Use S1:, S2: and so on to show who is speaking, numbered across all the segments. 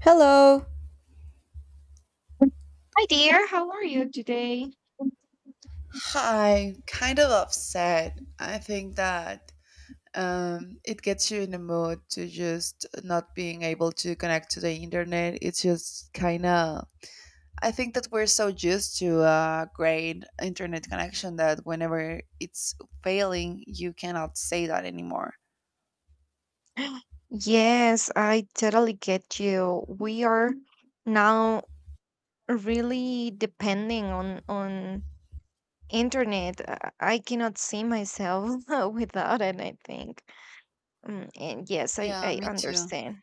S1: Hello.
S2: Hi dear, how are you today?
S1: Hi, kind of upset. I think that it gets you in the mood to just not being able to connect to the internet. It's just kind of. I think that we're so used to a great internet connection that whenever it's failing, you cannot say that anymore.
S2: Yes, I totally get you. We are now really depending on internet. I cannot see myself without it, I think. And yes, I
S1: Yeah,
S2: I
S1: me too.
S2: understand.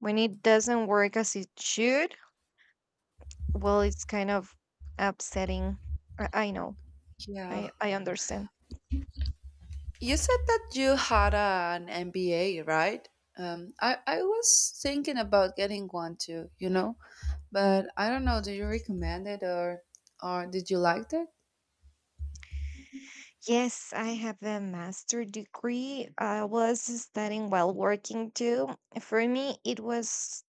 S2: When it doesn't work as it should, well, it's kind of upsetting. I know.
S1: Yeah.
S2: I understand.
S1: You said that you had an MBA, right? I was thinking about getting one too, you know? But I don't know, do you recommend it or did you like it?
S2: Yes, I have a master degree. I was studying while working too. For me, it was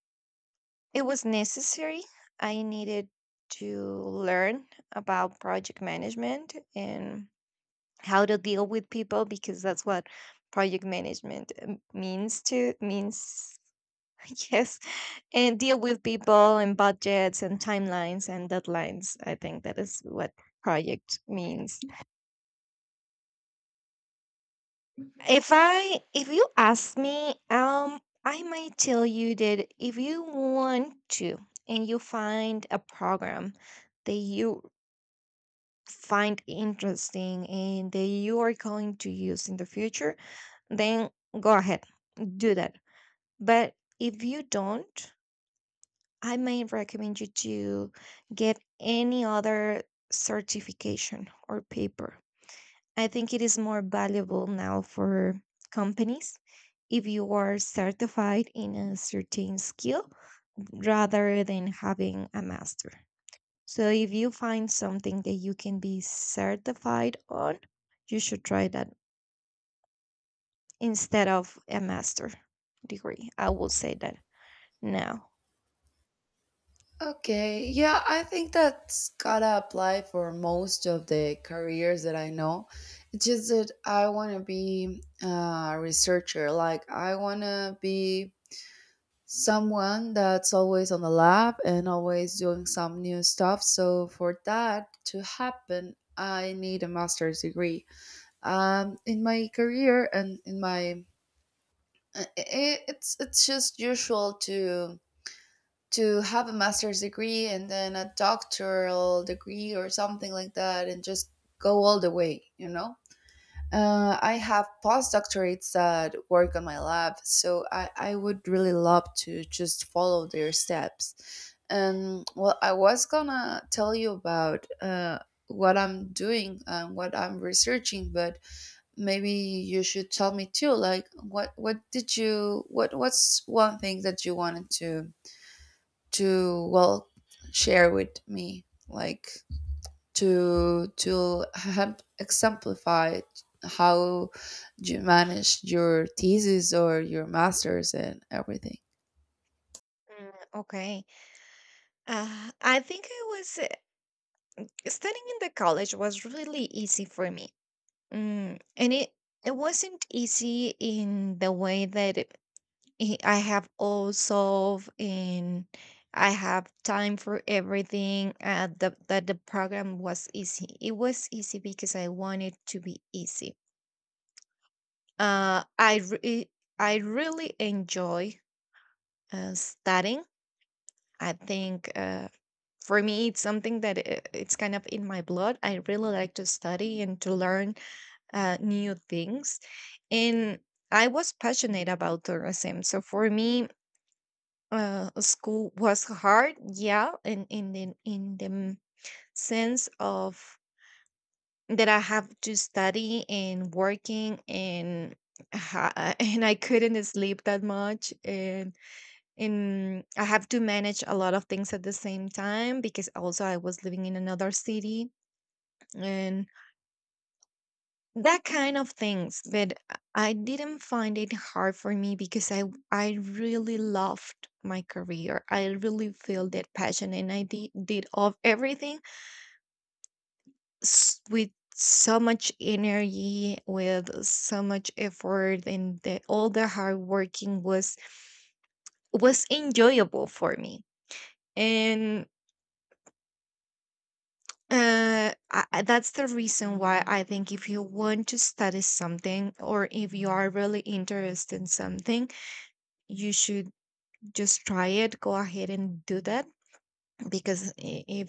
S2: it was necessary. I needed to learn about project management and how to deal with people, because that's what project management means yes, and deal with people and budgets and timelines and deadlines. I think that is what project means. If you ask me, I might tell you that if you want to, and you find a program that you find interesting and that you are going to use in the future, then go ahead, do that. But if you don't, I may recommend you to get any other certification or paper. I think it is more valuable now for companies if you are certified in a certain skill rather than having a master. So if you find something that you can be certified on, you should try that instead of a master degree. I will say that now.
S1: Okay, yeah, I think that's gotta apply for most of the careers that I know. It's just that I want to be a researcher. Like, I want to be someone that's always on the lab and always doing some new stuff. So, for that to happen, I need a master's degree. In my career and in my it's just usual to have a master's degree and then a doctoral degree or something like that, and just go all the way. I have postdoctorates that work on my lab, so I would really love to just follow their steps. And well, I was gonna tell you about what I'm doing and what I'm researching. But maybe you should tell me too, like what's one thing that you wanted to well, share with me, like to help exemplify how you managed your thesis or your masters and everything.
S2: Mm, okay. I think I was studying in the college was really easy for me. And it wasn't easy in the way that I have all solved and I have time for everything. That the program was easy. It was easy because I wanted to be easy. Uh, I re- I really enjoy studying. I think, for me, it's something that it's kind of in my blood. I really like to study and to learn new things. And I was passionate about tourism. So for me, school was hard, yeah, in the sense of that I have to study and working and and I couldn't sleep that much, and I have to manage a lot of things at the same time because also I was living in another city and that kind of things. But I didn't find it hard for me because I really loved my career. I really feel that passion, and I did of everything with so much energy, with so much effort, and all the hard working was enjoyable for me. And that's the reason why I think if you want to study something or if you are really interested in something, you should just try it. Go ahead and do that, because i- if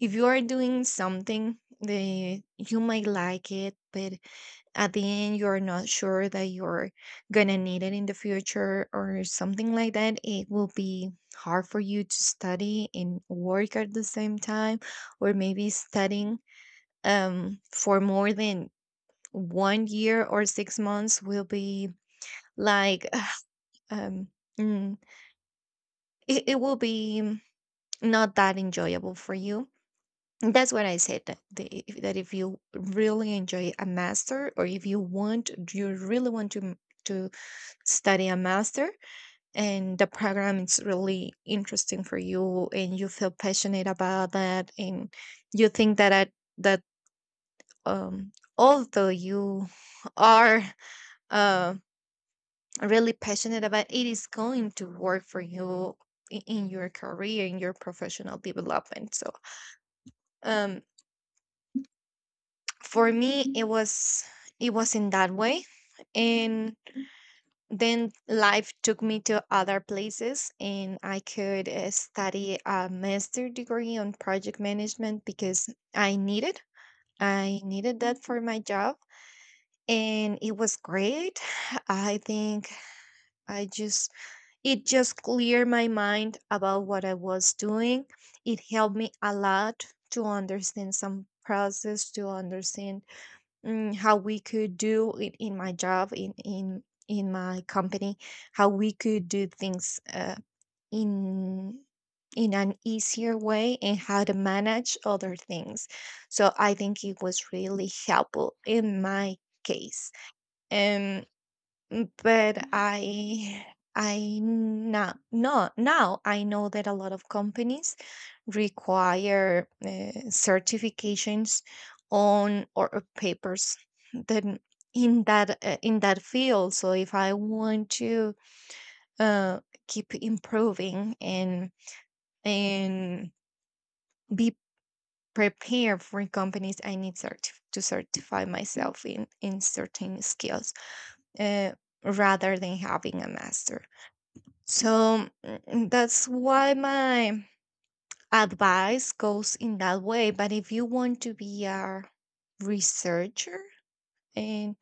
S2: if you are doing something the you might like it, but at the end you're not sure that you're gonna need it in the future or something like that, it will be hard for you to study and work at the same time. Or maybe studying for more than one year or 6 months will be like um mm, it will be not that enjoyable for you. And that's what I said, that if you really enjoy a master, or if you want, you really want to to study a master, and the program is really interesting for you and you feel passionate about that, and you think that um although you are uh, really passionate about, it is going to work for you in your career, in your professional development. So um, for me, it was in that way, and then life took me to other places, and I could study a master degree on project management because I needed I needed that for my job. And it was great. I think I just it just cleared my mind about what I was doing. It helped me a lot to understand some process, to understand, how we could do it in my job, in my company, how we could do things in in an easier way, and how to manage other things. So I think it was really helpful in my case. But I now, no, now I know that a lot of companies require certifications on, or papers, then in that field. So if I want to uh, keep improving and be prepared for companies, I need to certify myself in certain skills, uh, rather than having a master. So that's why my advice goes in that way. But if you want to be a researcher, and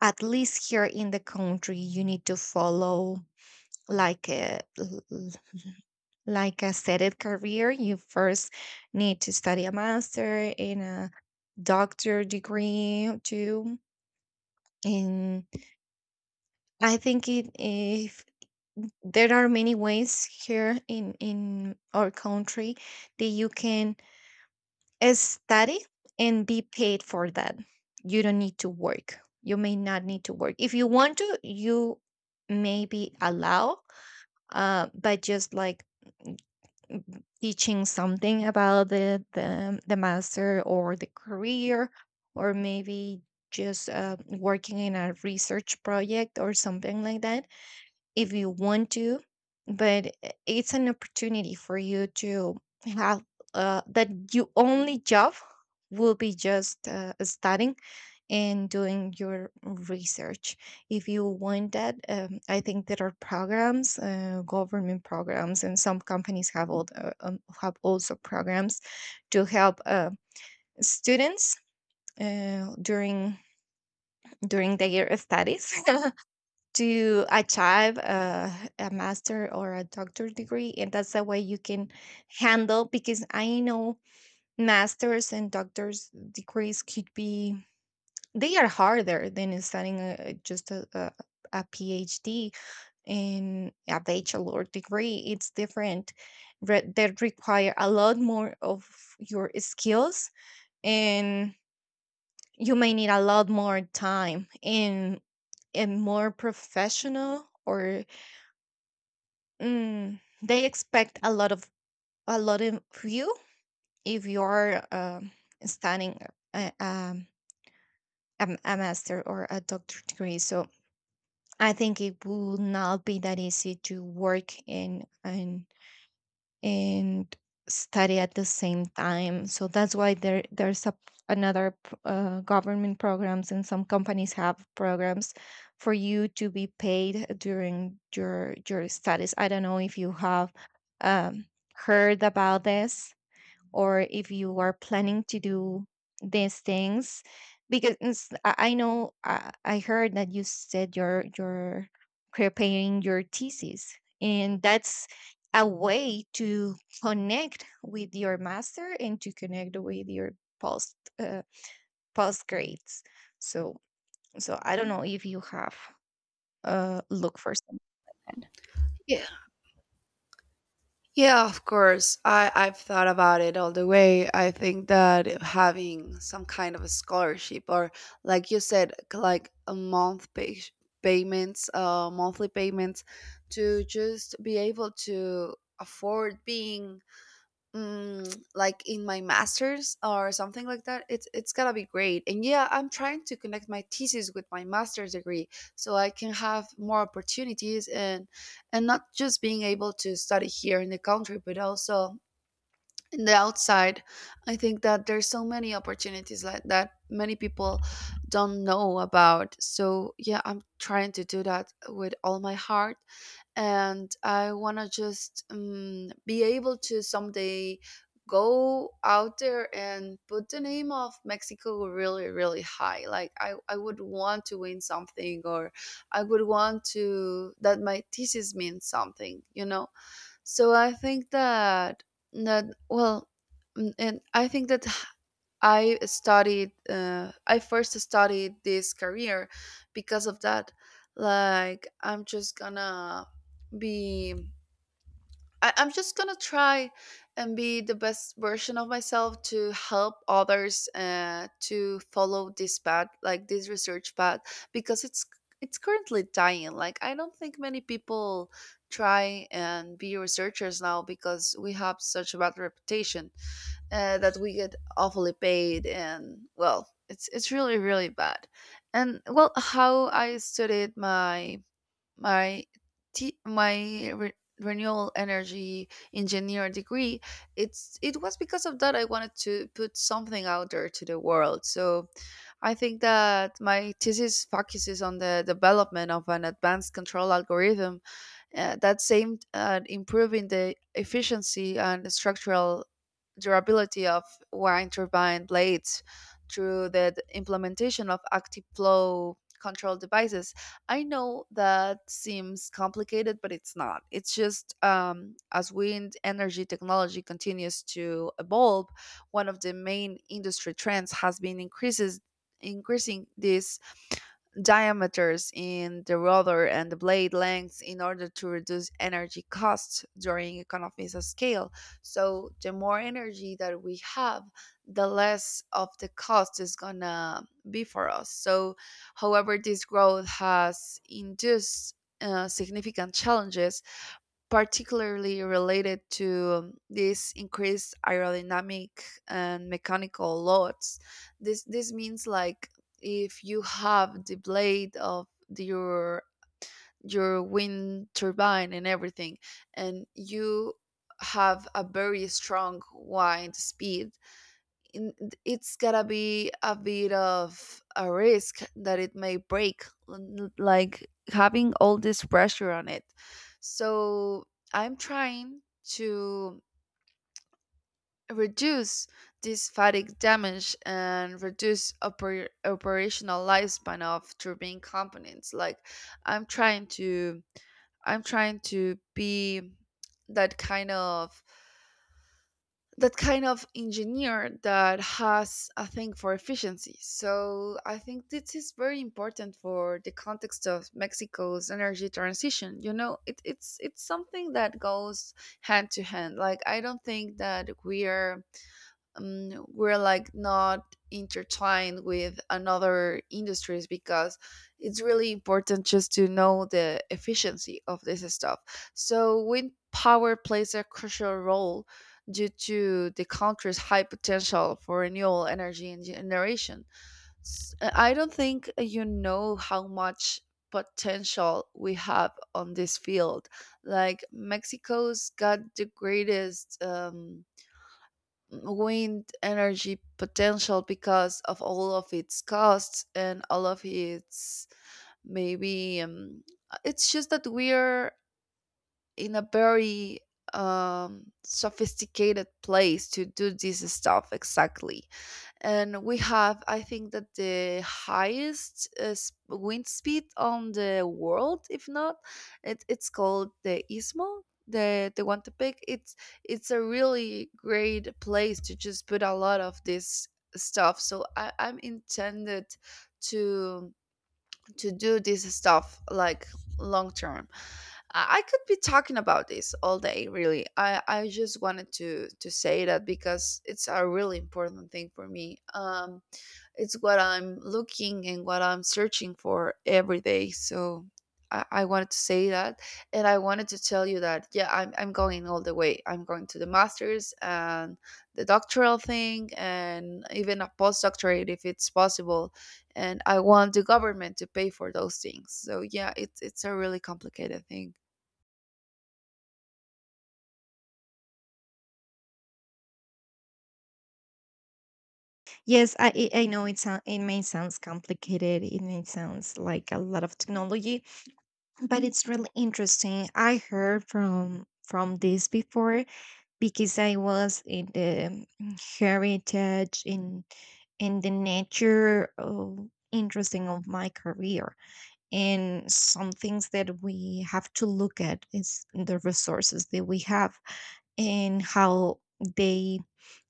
S2: at least here in the country, you need to follow like a l- l- like a set career. You first need to study a master and a doctor degree too. And I think it if there are many ways here in our country that you can study and be paid for that. You don't need to work. You may not need to work. If you want to, you may be allow, but just like mm, mm, teaching something about the master or the career, or maybe just working in a research project or something like that, if you want to. But it's an opportunity for you to have, that your only job will be just studying and doing your research. If you want that, I think there are programs, government programs, and some companies have have also programs to help students uh, during during their studies to achieve a master or a doctor degree. And that's the way you can handle, because I know masters and doctors degrees could be, they are harder than studying just a PhD. And a bachelor degree, it's different, that require a lot more of your skills, and you may need a lot more time, and more professional. Or they expect a lot of you if you're studying a, um, a master or a doctorate degree. So I think it will not be that easy to work in and study at the same time. So that's why there's another government programs, and some companies have programs for you to be paid during your studies. I don't know if you have um, heard about this, or if you are planning to do these things. Because I know, I heard that you said you're preparing your thesis, and that's a way to connect with your master and to connect with your post uh, post grades. So so i don't know if you have look for something like that.
S1: Yeah, yeah, of course. I've thought about it all the way. I think that having some kind of a scholarship, or like you said, c- like a month pay- payments, monthly payments to just be able to afford being, like in my masters or something like that. It's gonna be great. And yeah, I'm trying to connect my thesis with my master's degree, so I can have more opportunities, and not just being able to study here in the country but also in the outside. I think that there's so many opportunities like that many people don't know about, so yeah, I'm trying to do that with all my heart. And I want to just be able to someday go out there and put the name of Mexico really, really high. Like I would want to win something, or I would want to that my thesis means something, you know? So I think that, and I think that I studied. I first studied this career because of that. Like I'm just gonna be. I'm just gonna try and be the best version of myself to help others to follow this path, like this research path, because it's currently dying. Like I don't think many people try and be researchers now because we have such a bad reputation, that we get awfully paid, and well, it's really, really bad. And well, how I studied my my renewable energy engineer degree, it was because of that. I wanted to put something out there to the world, so I think that my thesis focuses on the development of an advanced control algorithm, that's aimed at improving the efficiency and structural durability of wind turbine blades through the implementation of active flow control devices. I know that seems complicated, but it's not. It's just as wind energy technology continues to evolve, one of the main industry trends has been increases increasing this diameters in the rotor and the blade lengths in order to reduce energy costs during economies of scale. So the more energy that we have, the less of the cost is gonna be for us. So, however, this growth has induced significant challenges, particularly related to these increased aerodynamic and mechanical loads. This means, like, if you have the blade of your wind turbine and everything, and you have a very strong wind speed in, it's gotta be a bit of a risk that it may break, like having all this pressure on it. So I'm trying to reduce this fatigue damage and reduce operational lifespan of turbine components. Like I'm trying to, I'm trying to be that kind of that kind of engineer that has a thing for efficiency. So I think this is very important for the context of Mexico's energy transition. You know, it's something that goes hand to hand. Like I don't think that we're like not intertwined with another industries, because it's really important just to know the efficiency of this stuff. So wind power plays a crucial role due to the country's high potential for renewable energy and generation. I don't think you know how much potential we have on this field. Like Mexico's got the greatest wind energy potential because of all of its costs and all of its, maybe it's just that we're in a very sophisticated place to do this stuff, exactly. And we have, I think, that the highest wind speed on the world, if not. It's called the Istmo. The Tehuantepec, it's a really great place to just put a lot of this stuff. So I'm intended to to do this stuff like long term. I could be talking about this all day, really. I just wanted to say that because it's a really important thing for me. It's what I'm looking and what I'm searching for every day. So I wanted to say that, and I wanted to tell you that, yeah, I'm going all the way. I'm going to the masters and the doctoral thing, and even a postdoctorate if it's possible. And I want the government to pay for those things. So yeah, it's a really complicated thing.
S2: Yes, I know it may sounds complicated. It may sounds like a lot of technology, but it's really interesting. I heard from this before, because I was in the, heritage in the nature of interesting of my career, and some things that we have to look at is the resources that we have and how they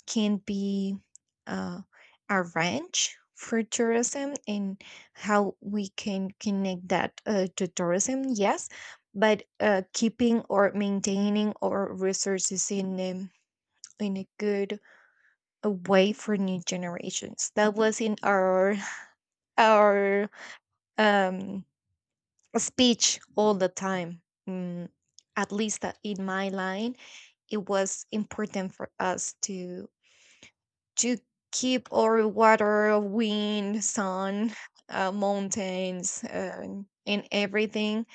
S2: can be uh, a ranch for tourism, and how we can connect that, to tourism, yes, but, keeping or maintaining our resources in, in a good, way for new generations. That was in our um, speech all the time. mm, at least that, in my line, it was important for us to keep our water, wind, sun, mountains, and everything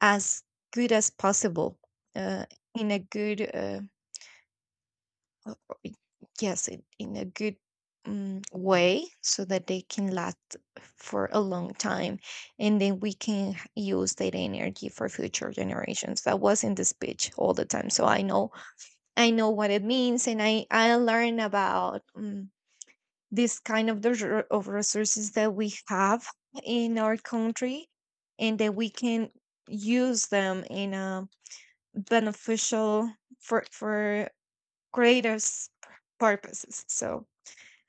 S2: as good as possible, uh, in a good, uh, yes, in a good way, so that they can last for a long time. And then we can use that energy for future generations. That was in the speech all the time. So I know what it means. And I learn about, this kind of of resources that we have in our country, and that we can use them in a beneficial for greater purposes. So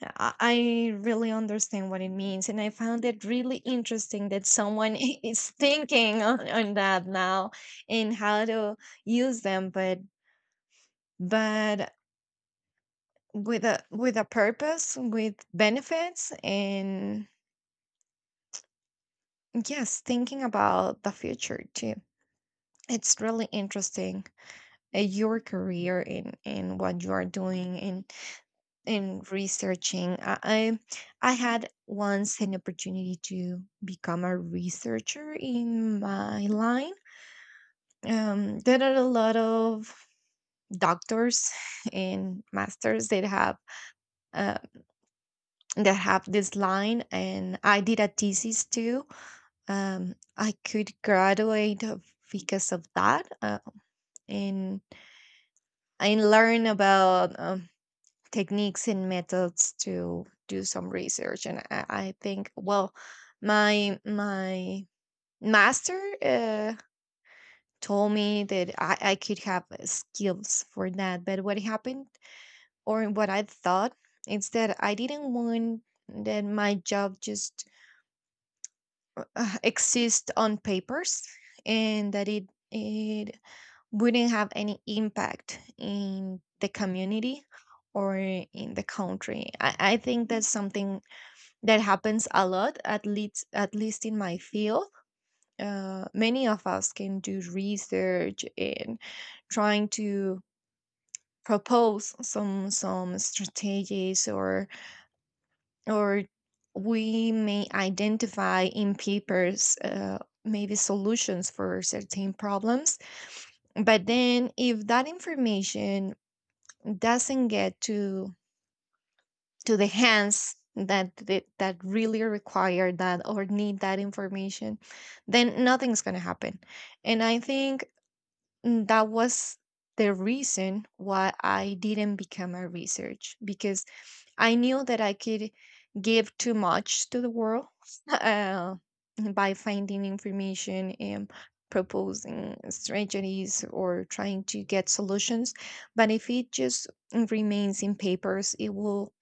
S2: I really understand what it means, and I found it really interesting that someone is thinking on, that now, and how to use them, but with a purpose, with benefits, and, yes, thinking about the future too. It's really interesting. Your career in what you are doing in researching. I had once an opportunity to become a researcher in my line. There are a lot of doctors and masters uh, that have this line, and I did a thesis too, I could graduate because of that. And and learn about, techniques and methods to do some research. And I think, well, my master told me that I could have skills for that. But what happened, or what I thought, is that I didn't want that my job just exist on papers, and that it wouldn't have any impact in the community or in the country. I think that's something that happens a lot, at least in my field. Many of us can do research and trying to propose some strategies, or we may identify in papers, maybe solutions for certain problems. But then, if that information doesn't get to the hands that really require that or need that information, then nothing's going to happen. And I think, that was the reason why I didn't become a research, because I knew that I could give too much to the world uh, by finding information and proposing strategies, or trying to get solutions. But if it just remains in papers, it will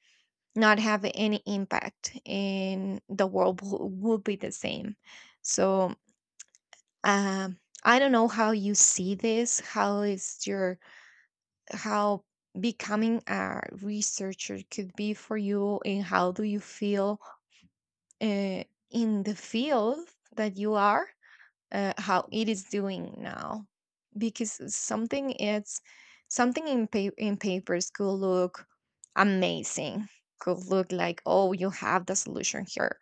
S2: not have any impact, and the world will, be the same. So, um I don't know how you see this, how is your how becoming a researcher could be for you, and how do you feel, uh, in the field that you are, how it is doing now. Because something in papers could look amazing, could look like, oh, you have the solution here,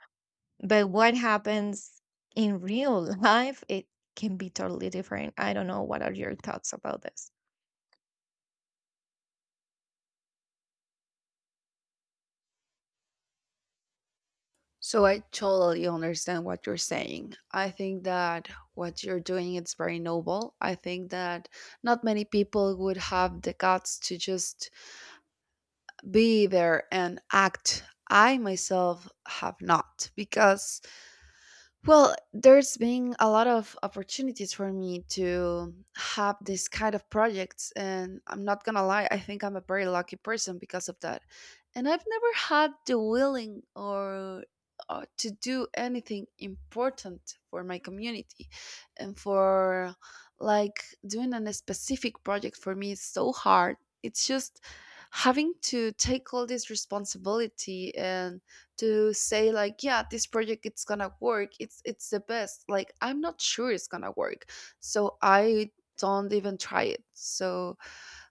S2: but what happens in real life, it can be totally different. I don't know. What are your thoughts about this?
S1: So I totally understand what you're saying. I think that what you're doing is very noble. I think that not many people would have the guts to just be there and act. I myself have not, because well, there's been a lot of opportunities for me to have this kind of projects, and I'm not gonna lie, I think I'm a very lucky person because of that. And I've never had the willing or to do anything important for my community. And for, like, doing a specific project for me is so hard. It's just having to take all this responsibility and to say like, yeah, this project, it's gonna work, it's the best. Like, I'm not sure it's gonna work, so I don't even try it. So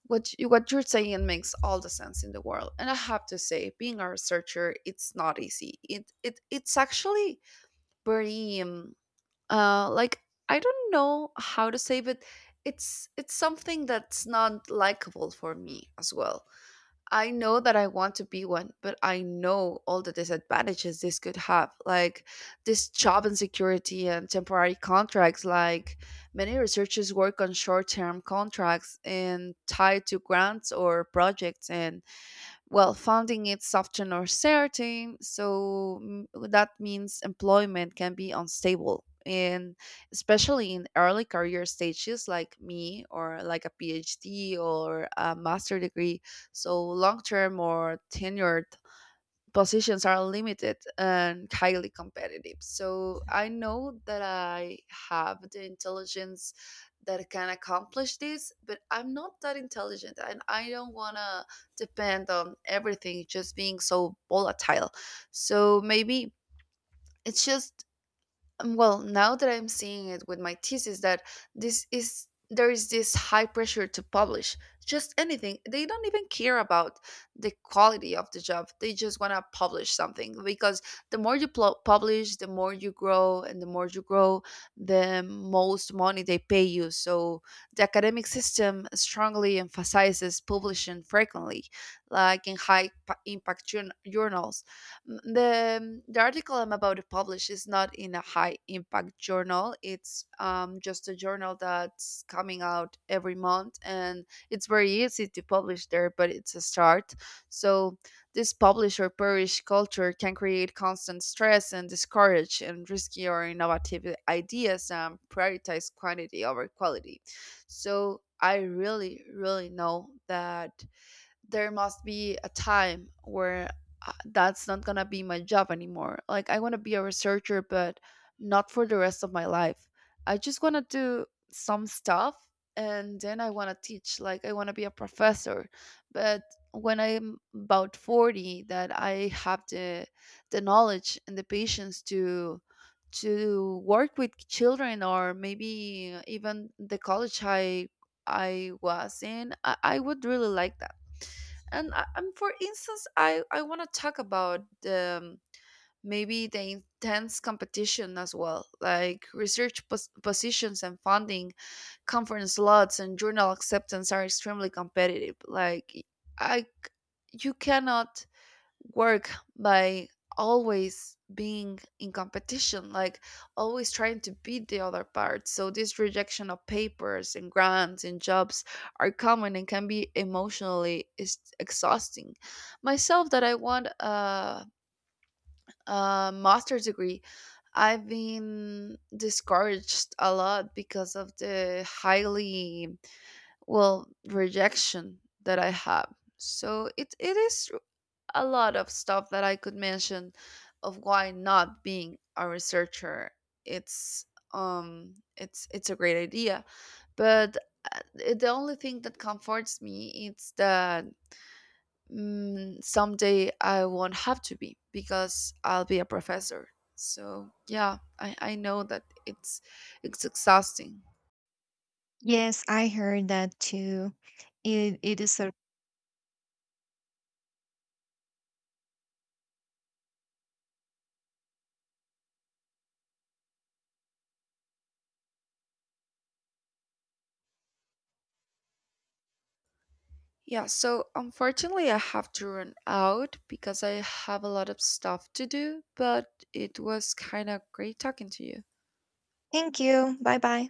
S1: what you're saying makes all the sense in the world. And I have to say being a researcher, it's not easy. It's actually very like, I don't know how to say, but it's something that's not likable for me as well. I know that I want to be one, but I know all the disadvantages this could have, like this job insecurity and temporary contracts. Like many researchers work on short term contracts and tied to grants or projects, and well, funding is often uncertain, so that means employment can be unstable, and especially in early career stages like me, or like a PhD or a master degree. So long-term or tenured positions are limited and highly competitive. So I know that I have the intelligence that can accomplish this, but I'm not that intelligent, and I don't want to depend on everything just being so volatile. So maybe it's just well, now that I'm seeing it with my thesis, that this is there is this high pressure to publish just anything. They don't even care about the quality of the job. They just want to publish something, because the more you publish, the more you grow, and the more you grow, the most money they pay you. So the academic system strongly emphasizes publishing frequently, like in high impact journals. The article I'm about to publish is not in a high impact journal. It's just a journal that's coming out every month, and it's very easy to publish there, but it's a start. So, this publish or perish culture can create constant stress and discourage and risky or innovative ideas and prioritize quantity over quality. So, I really, really know that there must be a time where that's not gonna be my job anymore. Like I want to be a researcher, but not for the rest of my life. I just want to do some stuff, and then I want to teach. Like, I want to be a professor, but when I'm about 40, that I have the knowledge and the patience to work with children, or maybe even the college I was in. I would really like that. And for instance, I want to talk about um, maybe the intense competition as well, like research positions and funding, conference slots, and journal acceptance are extremely competitive. Like i c- you cannot work by always being in competition, like always trying to beat the other part. So this rejection of papers and grants and jobs are common and can be emotionally is exhausting. Myself, that I want a master's degree, I've been discouraged a lot because of the highly, well, rejection that I have. So it is a lot of stuff that I could mention of why not being a researcher. It's um it's it's a great idea, but uh, the only thing that comforts me is that, someday I won't have to be because I'll be a professor. So yeah, I know that it's exhausting.
S2: Yes, I heard that too. It is a
S1: Yeah, so unfortunately, I have to run out because I have a lot of stuff to do, but it was kind of great talking to you.
S2: thank you. Bye bye.